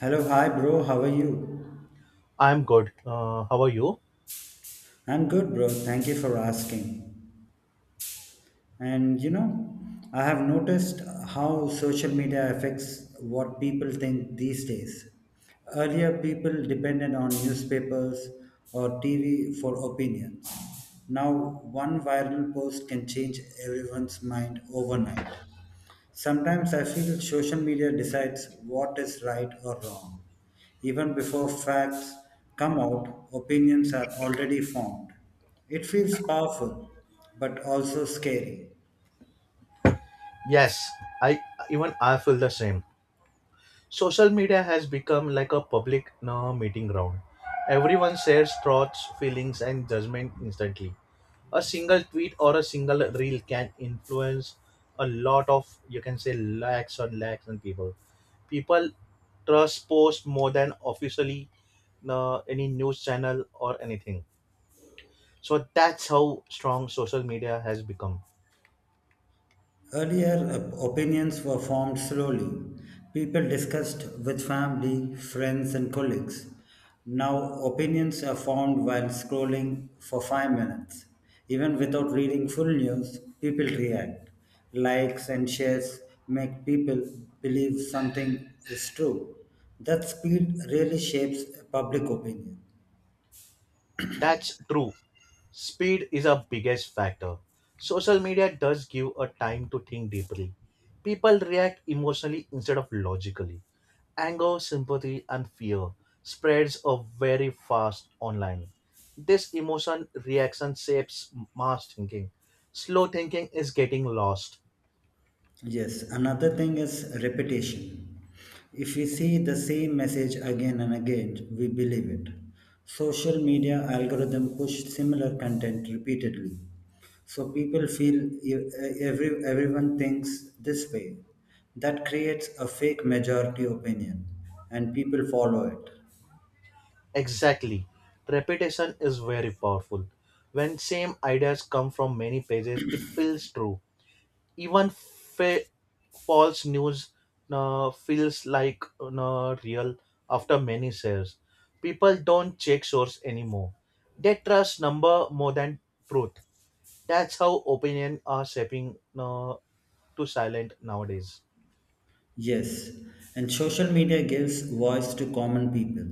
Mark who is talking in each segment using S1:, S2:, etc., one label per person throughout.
S1: Hello, hi bro, how are you?
S2: I'm good. How are you?
S1: I'm good, bro. Thank you for asking. And you know, I have noticed how social media affects what people think these days. Earlier, people depended on newspapers or TV for opinions. Now, one viral post can change everyone's mind overnight. Sometimes I feel social media decides what is right or wrong. Even before facts come out, opinions are already formed. It feels powerful, but also scary.
S2: Yes, I even I feel the same. Social media has become like a public meeting ground. Everyone shares thoughts, feelings, and judgment instantly. A single tweet or a single reel can influence a lot of, you can say, lakhs and lakhs and people. People trust posts more than officially any news channel or anything. So that's how strong social media has become.
S1: Earlier, opinions were formed slowly. People discussed with family, friends, and colleagues. Now, opinions are formed while scrolling for five minutes. Even without reading full news, people react. Likes and shares make people believe something is true. That speed really shapes public opinion.
S2: That's true. Speed is a biggest factor. Social media does give a time to think deeply. People react emotionally instead of logically. Anger, sympathy, and fear spreads a very fast online. This emotion reaction shapes mass thinking. Slow thinking is getting lost.
S1: Yes, another thing is repetition. If we see the same message again and again, we believe it. Social media algorithm push similar content repeatedly. So people feel e- everyone thinks this way. That creates a fake majority opinion and people follow it.
S2: Exactly. Repetition is very powerful. When same ideas come from many pages, it feels true. Even false news feels like real after many shares. People don't check source anymore. They trust number more than truth. That's how opinion are shaping to silent nowadays.
S1: Yes, and social media gives voice to common people.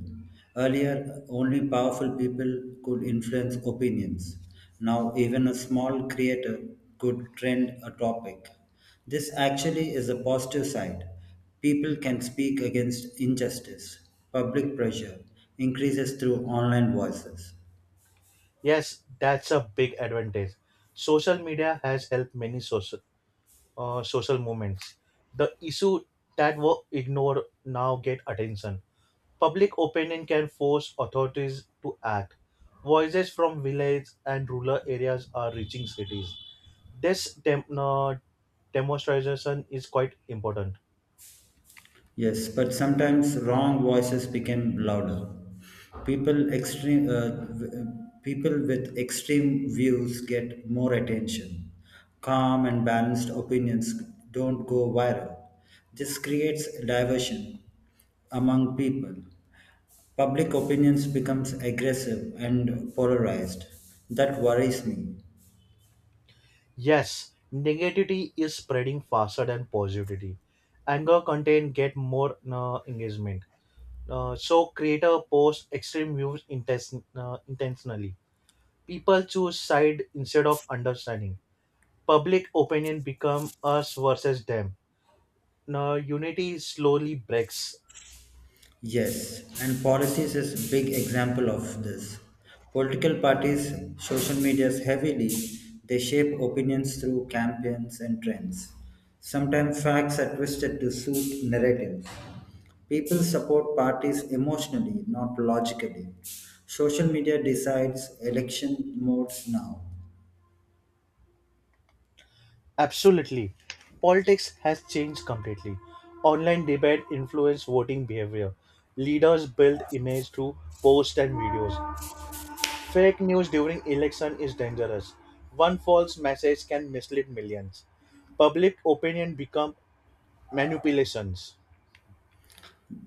S1: Earlier, only powerful people could influence opinions. Now, even a small creator could trend a topic. This actually is a positive side. People can speak against injustice. Public pressure increases through online voices.
S2: Yes, that's a big advantage. Social media has helped many social movements. The issue that were ignored now get attention. Public opinion can force authorities to act. Voices from villages and rural areas are reaching cities. This demonstration is quite important.
S1: Yes, but sometimes wrong voices became louder. People extreme uh, w- uh, People with extreme views get more attention. Calm and balanced opinions don't go viral. This creates diversion among people. Public opinions becomes aggressive and polarized. That worries me.
S2: Yes, negativity is spreading faster than positivity. Anger content get more engagement. So creator posts extreme views intentionally. People choose side instead of understanding. Public opinion become us versus them. Now, unity slowly breaks.
S1: Yes, and politics is a big example of this. Political parties, social medias heavily, they shape opinions through campaigns and trends. Sometimes facts are twisted to suit narratives. People support parties emotionally, not logically. Social media decides election modes now.
S2: Absolutely. Politics has changed completely. Online debate influence voting behavior. Leaders build image through posts and videos. Fake news during election is dangerous. One false message can mislead millions. Public opinion become manipulations.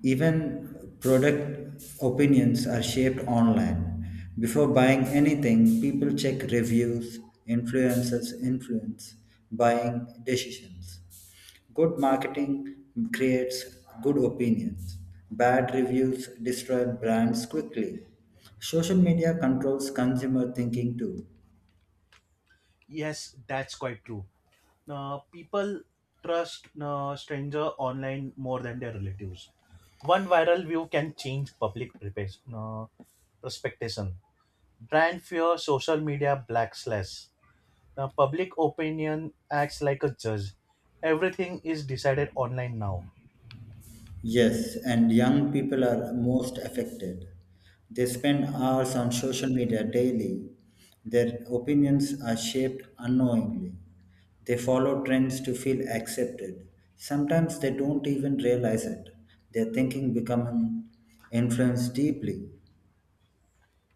S1: Even product opinions are shaped online. Before buying anything, people check reviews, influencers influence buying decisions. Good marketing creates good opinions. Bad reviews destroy brands quickly. Social media controls consumer thinking too.
S2: Yes, that's quite true. People trust stranger online more than their relatives. One viral view can change public perspectation. Brand fear, social media black slash. The public opinion acts like a judge. Everything is decided online now.
S1: Yes, and young people are most affected. They spend hours on social media daily. Their opinions are shaped unknowingly. They follow trends to feel accepted. Sometimes they don't even realize it. Their thinking becoming influenced deeply.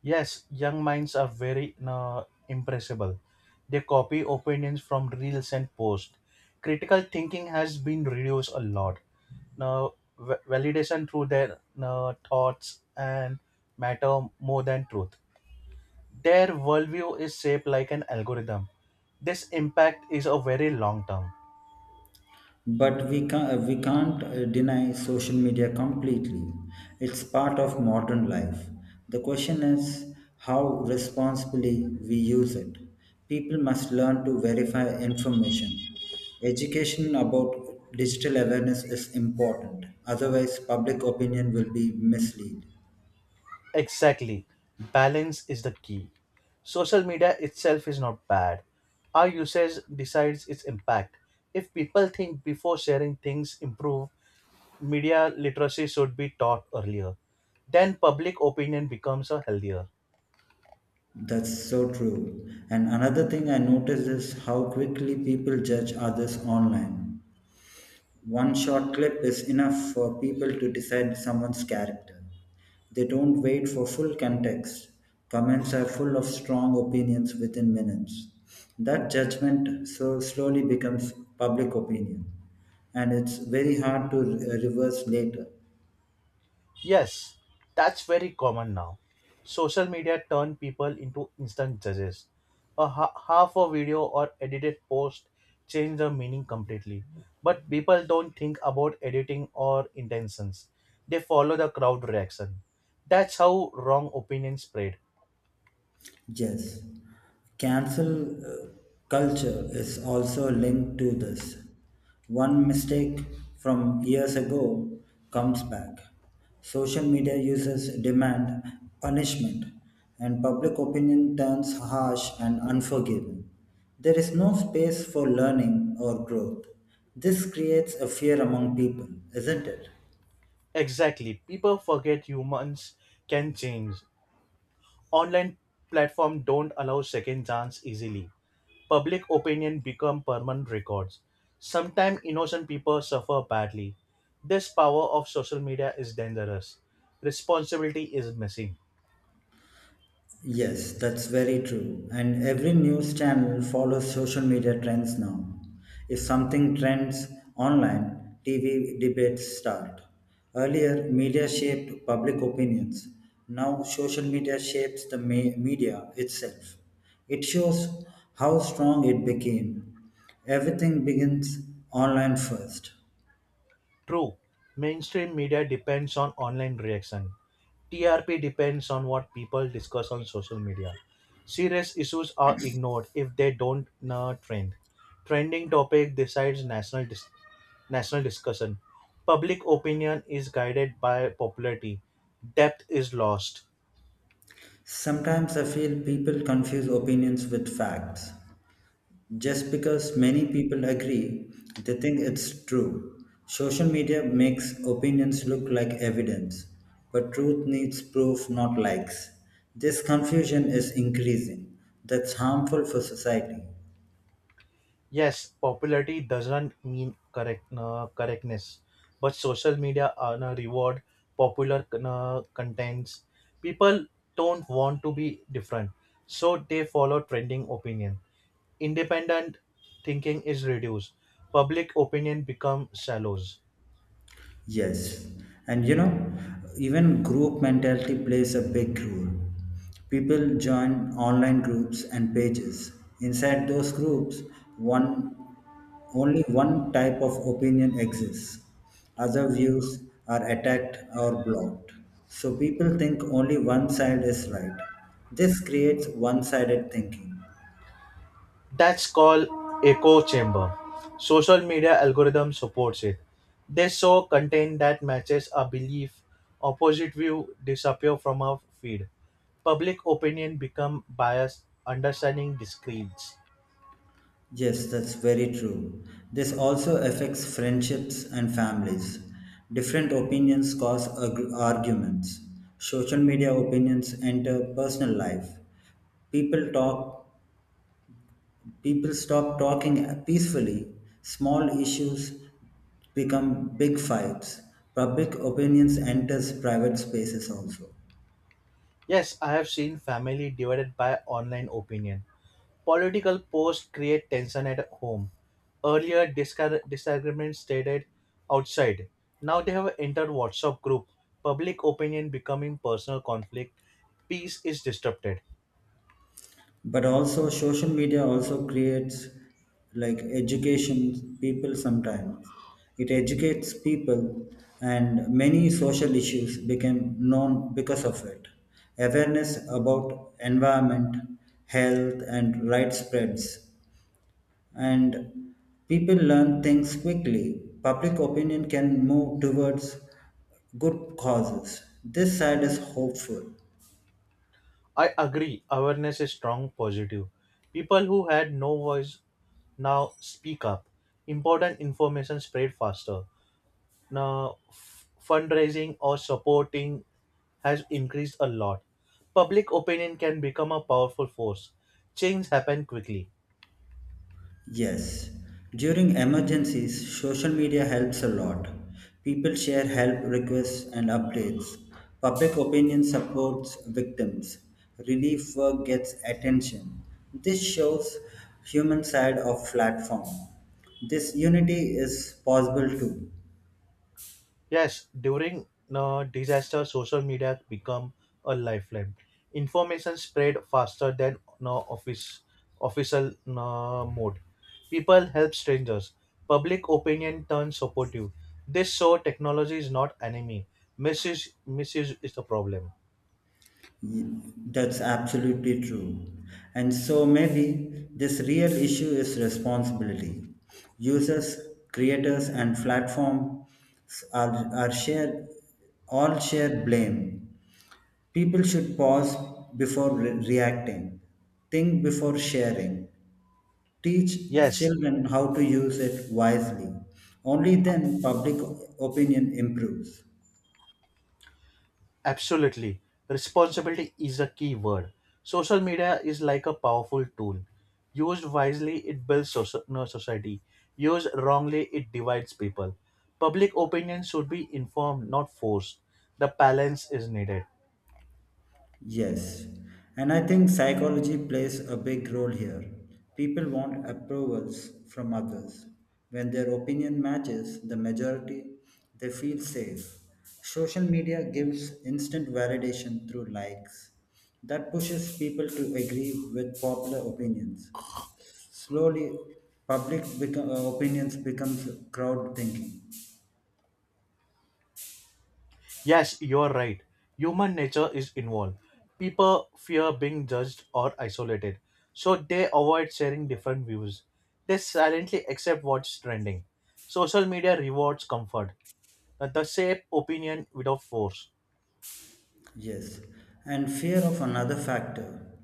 S2: Yes, young minds are very impressible. They copy opinions from reels and posts. Critical thinking has been reduced a lot. Now, validation through their thoughts and matter more than truth. Their worldview is shaped like an algorithm. This impact is a very long term.
S1: But we can't deny social media completely. It's part of modern life. The question is how responsibly we use it. People must learn to verify information. Education about digital awareness is important, otherwise, public opinion will be misled.
S2: Exactly. Balance is the key. Social media itself is not bad. Our usage decides its impact. If people think before sharing things improve, media literacy should be taught earlier. Then public opinion becomes a healthier.
S1: That's so true. And another thing I noticed is how quickly people judge others online. One short clip is enough for people to decide someone's character. They don't wait for full context. Comments are full of strong opinions within minutes. That judgment so slowly becomes public opinion, and it's very hard to reverse later.
S2: Yes, that's very common now. Social media turn people into instant judges. A half a video or edited post change the meaning completely. But people don't think about editing or intentions. They follow the crowd reaction. That's how wrong opinions spread.
S1: Yes, cancel culture is also linked to this. One mistake from years ago comes back. Social media users demand punishment, and public opinion turns harsh and unforgiving. There is no space for learning or growth. This creates a fear among people, isn't it?
S2: Exactly. People forget humans can change. Online platform don't allow second chance easily. Public opinion become permanent records. Sometimes innocent people suffer badly. This power of social media is dangerous. Responsibility is missing.
S1: Yes, that's very true. And every news channel follows social media trends now. If something trends online, TV debates start. Earlier, media shaped public opinions. Now, social media shapes the media itself. It shows how strong it became. Everything begins online first.
S2: True, mainstream media depends on online reaction. TRP depends on what people discuss on social media. Serious issues are ignored if they don't trend. Trending topic decides national discussion. Public opinion is guided by popularity. Depth is lost.
S1: Sometimes I feel people confuse opinions with facts. Just because many people agree, they think it's true. Social media makes opinions look like evidence, but truth needs proof, not likes. This confusion is increasing. That's harmful for society.
S2: Yes, popularity doesn't mean correctness, but social media no, reward popular contents. People don't want to be different, so they follow trending opinion. Independent thinking is reduced. Public opinion becomes shallow.
S1: Yes. And you know, even group mentality plays a big role. People join online groups and pages. Inside those groups, one only one type of opinion exists. Other views are attacked or blocked. So people think only one side is right. This creates one sided thinking.
S2: That's called echo chamber. Social media algorithm supports it. They show content that matches a belief. Opposite view disappear from our feed. Public opinion become biased understanding discretes.
S1: Yes, that's very true. This also affects friendships and families. Different opinions cause arguments. Social media opinions enter personal life. People talk People stop talking peacefully. Small issues become big fights. Public opinions enters private spaces also.
S2: Yes, I have seen family divided by online opinion. Political posts create tension at home. Earlier, disagreements stated outside. Now they have entered WhatsApp group. Public opinion becoming personal conflict. Peace is disrupted.
S1: But also social media also creates like education people sometimes. It educates people and many social issues became known because of it. Awareness about environment, health and right spreads and people learn things quickly. Public opinion can move towards good causes. This side is hopeful.
S2: I agree. Awareness is strong positive. People who had no voice now speak up. Important information spread faster now fundraising or supporting has increased a lot. Public opinion can become a powerful force. Change happen quickly.
S1: Yes, during emergencies, social media helps a lot. People share help requests and updates. Public opinion supports victims. Relief work gets attention. This shows human side of platform. This unity is possible too.
S2: Yes, during disaster, social media become a lifeline. Information spread faster than no office official no mode. People help strangers. Public opinion turns supportive. This show technology is not enemy. Misuse is the problem.
S1: That's absolutely true. And so maybe this real issue is responsibility. Users, creators, and platforms are, are share, all share blame. People should pause before reacting, think before sharing, teach
S2: Yes.
S1: children how to use it wisely. Only then public opinion improves.
S2: Absolutely. Responsibility is a key word. Social media is like a powerful tool. Used wisely, it builds soci- no society. Used wrongly, it divides people. Public opinion should be informed, not forced. The balance is needed.
S1: Yes, and I think psychology plays a big role here. People want approvals from others. When their opinion matches the majority, they feel safe. Social media gives instant validation through likes. That pushes people to agree with popular opinions. Slowly, opinions becomes crowd thinking.
S2: Yes, you are right. Human nature is involved. People fear being judged or isolated, so they avoid sharing different views. They silently accept what's trending. Social media rewards comfort that the shape opinion without force.
S1: Yes, and fear of another factor.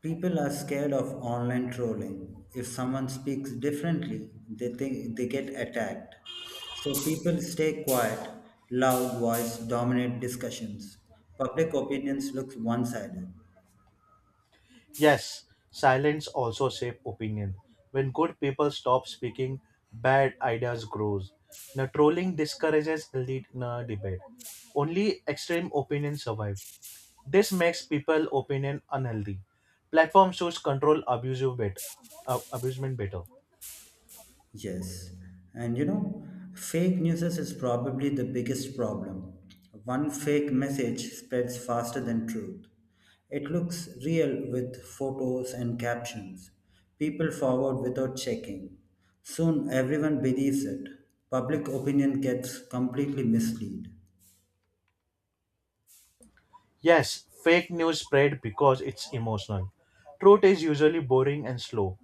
S1: People are scared of online trolling. If someone speaks differently, they think they get attacked. So people stay quiet, loud voice dominate discussions. Public opinions look one-sided.
S2: Yes, silence also shape opinion. When good people stop speaking, bad ideas grows. Now trolling discourages lead debate. Only extreme opinions survive. This makes people opinion unhealthy. Platforms should control abusement better.
S1: Yes, and you know, fake news is probably the biggest problem. One fake message spreads faster than truth. It looks real with photos and captions. People forward without checking. Soon everyone believes it. Public opinion gets completely misled.
S2: Yes, fake news spread because it's emotional. Truth is usually boring and slow.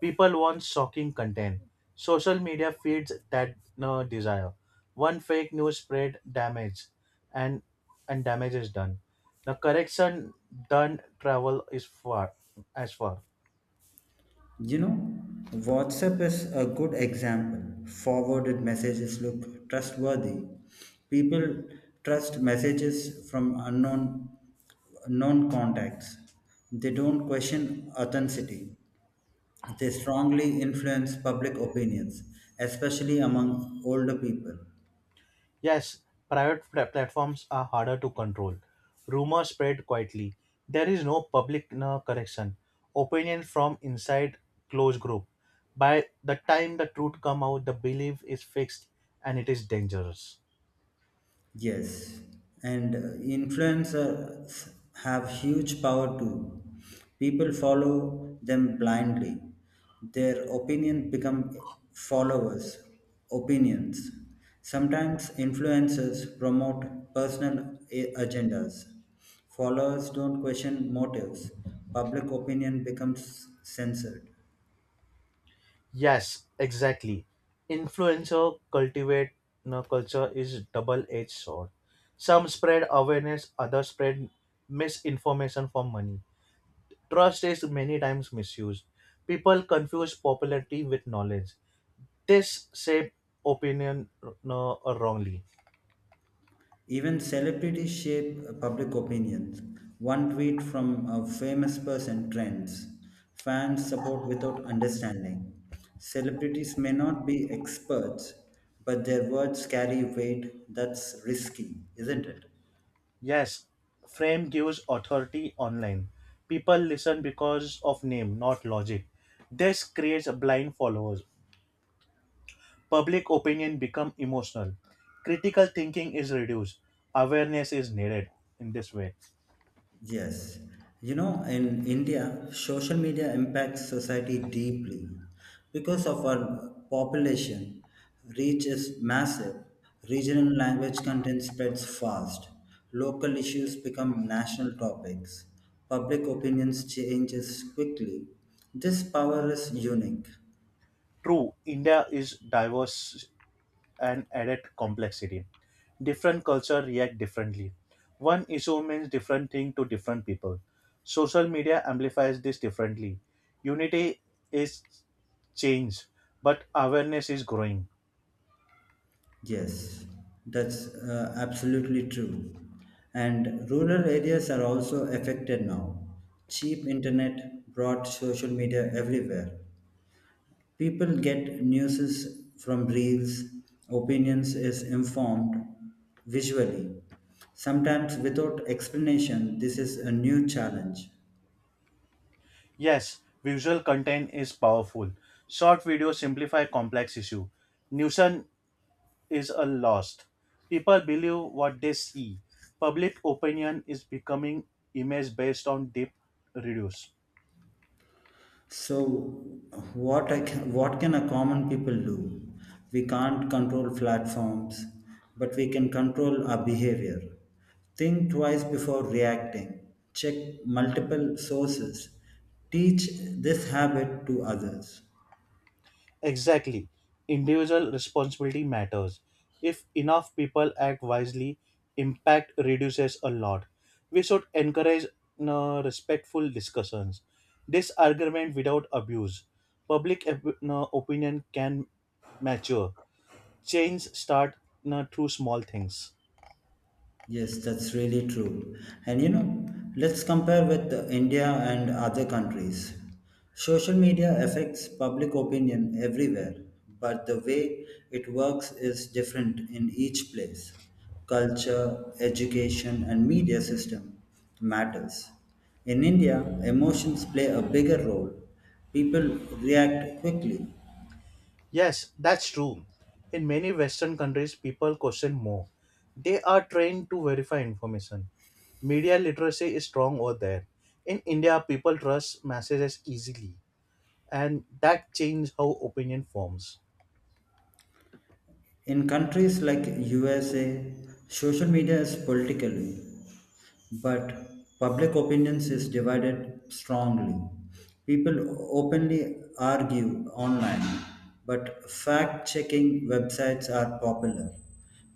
S2: People want shocking content. Social media feeds that desire. One fake news spread damage and and damage is done. The correction done travel is far as far.
S1: You know, WhatsApp is a good example. Forwarded messages look trustworthy. People trust messages from unknown known contacts. They don't question authenticity. They strongly influence public opinions, especially among older people.
S2: Yes, private platforms are harder to control. Rumors spread quietly. There is no public no correction. Opinion from inside closed group. By the time the truth come out, the belief is fixed and it is dangerous.
S1: Yes, and influencers have huge power too. People follow them blindly. Their opinion become followers' opinions. Sometimes influencers promote personal agendas. Followers don't question motives. Public opinion becomes censored.
S2: Yes, exactly. Influencer cultivate no, culture is double-edged sword. Some spread awareness, others spread misinformation for money. Trust is many times misused. People confuse popularity with knowledge. This shape opinion, no, wrongly.
S1: Even celebrities shape public opinions. One tweet from a famous person trends. Fans support without understanding. Celebrities may not be experts, but their words carry weight that's risky, isn't it?
S2: Yes, frame gives authority online. People listen because of name, not logic. This creates blind followers. Public opinion become emotional. Critical thinking is reduced. Awareness is needed in this way.
S1: Yes. You know, in India, social media impacts society deeply because of our population reach is massive. Regional language content spreads fast. Local issues become national topics. Public opinions changes quickly. This power is unique.
S2: True, India is diverse and added complexity. Different culture react differently. One issue means different thing to different people. Social media amplifies this differently. Unity is change, but awareness is growing.
S1: Yes, that's absolutely true. And rural areas are also affected now. Cheap internet brought social media everywhere. People get news from reels, opinions is informed visually. Sometimes without explanation, this is a new challenge.
S2: Yes, visual content is powerful. Short videos simplify complex issue. Nuisance is a lost. People believe what they see. Public opinion is becoming image based on deep reduce.
S1: So what can a common people do? We can't control platforms, but we can control our behavior. Think twice before reacting. Check multiple sources. Teach this habit to others.
S2: Exactly. Individual responsibility matters. If enough people act wisely, impact reduces a lot. We should encourage respectful discussions. Disagreement without abuse. Public opinion can mature. Change start through small things.
S1: Yes, that's really true. And you know, let's compare with India and other countries. Social media affects public opinion everywhere, but the way it works is different in each place. Culture, education, and media system matters. In India, emotions play a bigger role. People react quickly.
S2: Yes, that's true. In many Western countries, people question more. They are trained to verify information. Media literacy is strong over there. In India, people trust messages easily, and that changes how opinion forms.
S1: In countries like USA, social media is politically. But public opinions is divided strongly. People openly argue online, but fact checking websites are popular.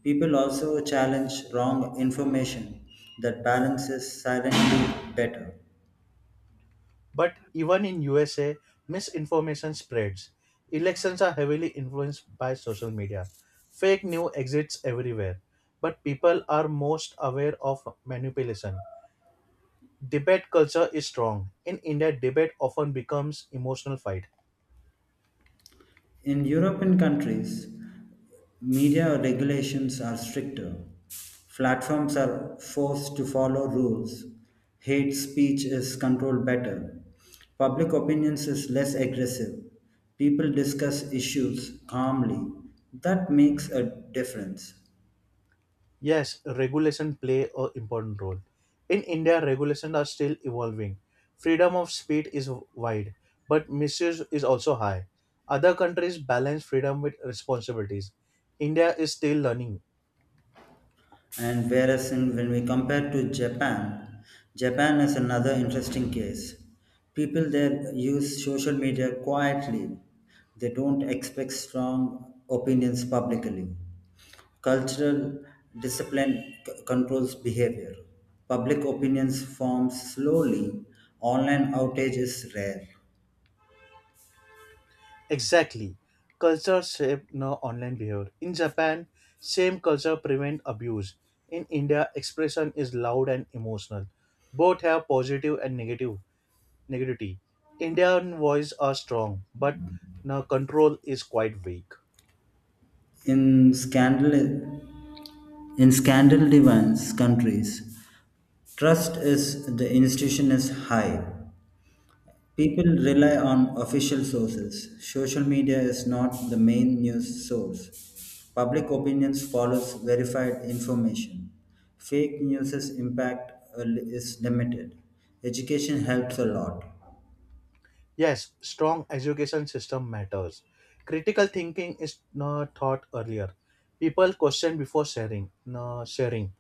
S1: People also challenge wrong information that balances silently better.
S2: But even in USA, misinformation spreads. Elections are heavily influenced by social media. Fake news exists everywhere, but people are most aware of manipulation. Debate culture is strong. In India, debate often becomes emotional fight.
S1: In European countries, media regulations are stricter. Platforms are forced to follow rules. Hate speech is controlled better. Public opinions is less aggressive. People discuss issues calmly. That makes a difference.
S2: Yes, regulation play a important role. In India, regulations are still evolving. Freedom of speech is wide, but misuse is also high. Other countries balance freedom with responsibilities. India is still learning.
S1: And when we compare to Japan, Japan is another interesting case. People there use social media quietly. They don't expect strong opinions publicly. Cultural discipline controls behavior. Public opinions forms slowly. Online outage is rare.
S2: Exactly. Culture shape no online behavior. In Japan, same culture prevent abuse. In India, expression is loud and emotional. Both have positive and negative negativity. Indian voice are strong, but now control is quite weak.
S1: In scandal, in scandal-driven countries, trust is the institution is high. People rely on official sources. Social media is not the main news source. Public opinions follows verified information. Fake news's impact is limited. Education helps a lot.
S2: Yes, strong education system matters. Critical thinking is not taught earlier. People question before sharing. No, sharing.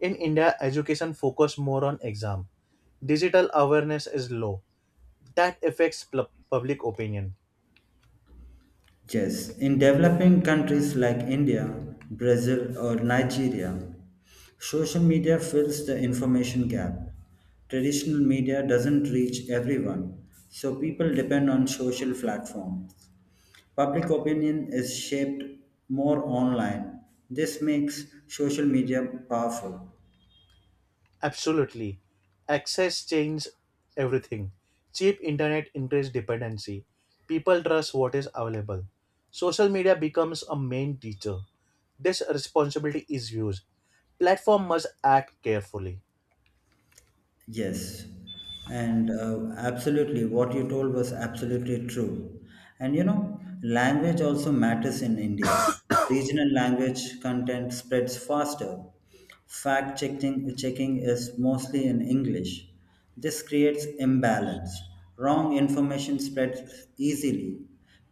S2: In India, education focus more on exam. Digital awareness is low. That affects public opinion.
S1: Yes, in developing countries like India, Brazil, or Nigeria, social media fills the information gap. Traditional media doesn't reach everyone, so people depend on social platforms. Public opinion is shaped more online. This makes social media powerful.
S2: Absolutely. Access changed everything. Cheap internet increased dependency. People trust what is available. Social media becomes a main teacher. This responsibility is used. Platform must act carefully.
S1: Yes, and absolutely, what you told was absolutely true. And you know, language also matters in India. Regional language content spreads faster. Checking is mostly in English. This creates imbalance. Wrong information spreads easily.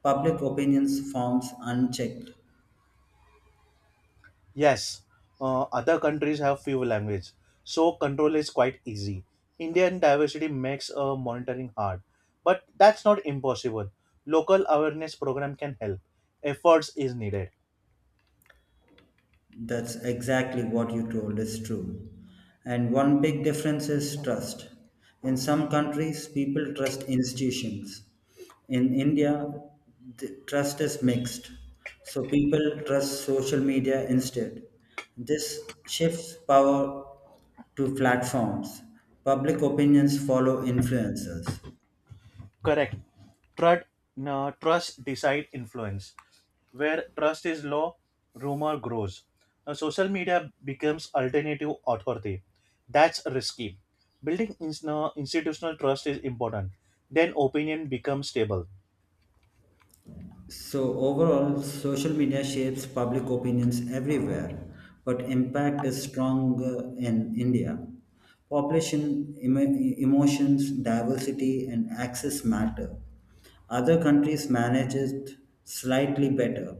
S1: Public opinions forms unchecked.
S2: Yes, other countries have few language, so control is quite easy. Indian diversity makes monitoring hard, but that's not impossible. Local awareness program can help. Efforts is needed.
S1: That's exactly what you told is true. And one big difference is trust. In some countries, people trust institutions. In India, the trust is mixed. So people trust social media instead. This shifts power to platforms. Public opinions follow influencers.
S2: Correct. Trust, no, trust, decide, influence. Where trust is low, rumor grows. Now, social media becomes alternative authority. That's risky. Building ins- no, institutional trust is important. Then opinion becomes stable.
S1: So, overall, social media shapes public opinions everywhere, but impact is strong in India. Population, emotions, diversity, and access matter. Other countries manage it slightly better.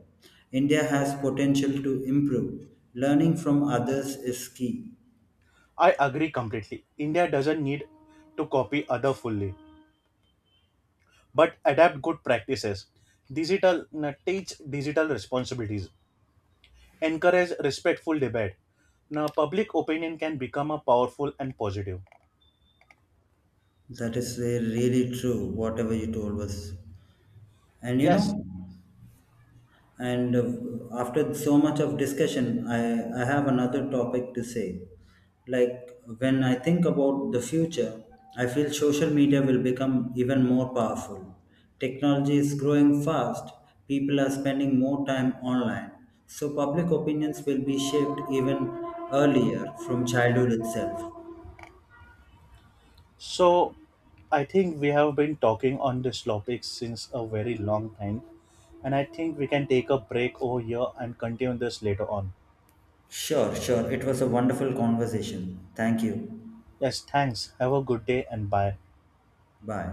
S1: India has potential to improve. Learning from others is key.
S2: I agree completely. India doesn't need to copy other fully, but adapt good practices. Digital no, Teach digital responsibilities. Encourage respectful debate. Now, public opinion can become a powerful and positive.
S1: That is really true, whatever you told us. And you
S2: Yes.
S1: know, and after so much of discussion, I have another topic to say. Like when I think about the future, I feel social media will become even more powerful. Technology is growing fast, people are spending more time online, so public opinions will be shaped even earlier from childhood itself.
S2: So, I think we have been talking on this topic since a very long time, and I think we can take a break over here and continue this later on.
S1: Sure, sure. It was a wonderful conversation. Thank you.
S2: Yes, thanks. Have a good day and bye.
S1: Bye.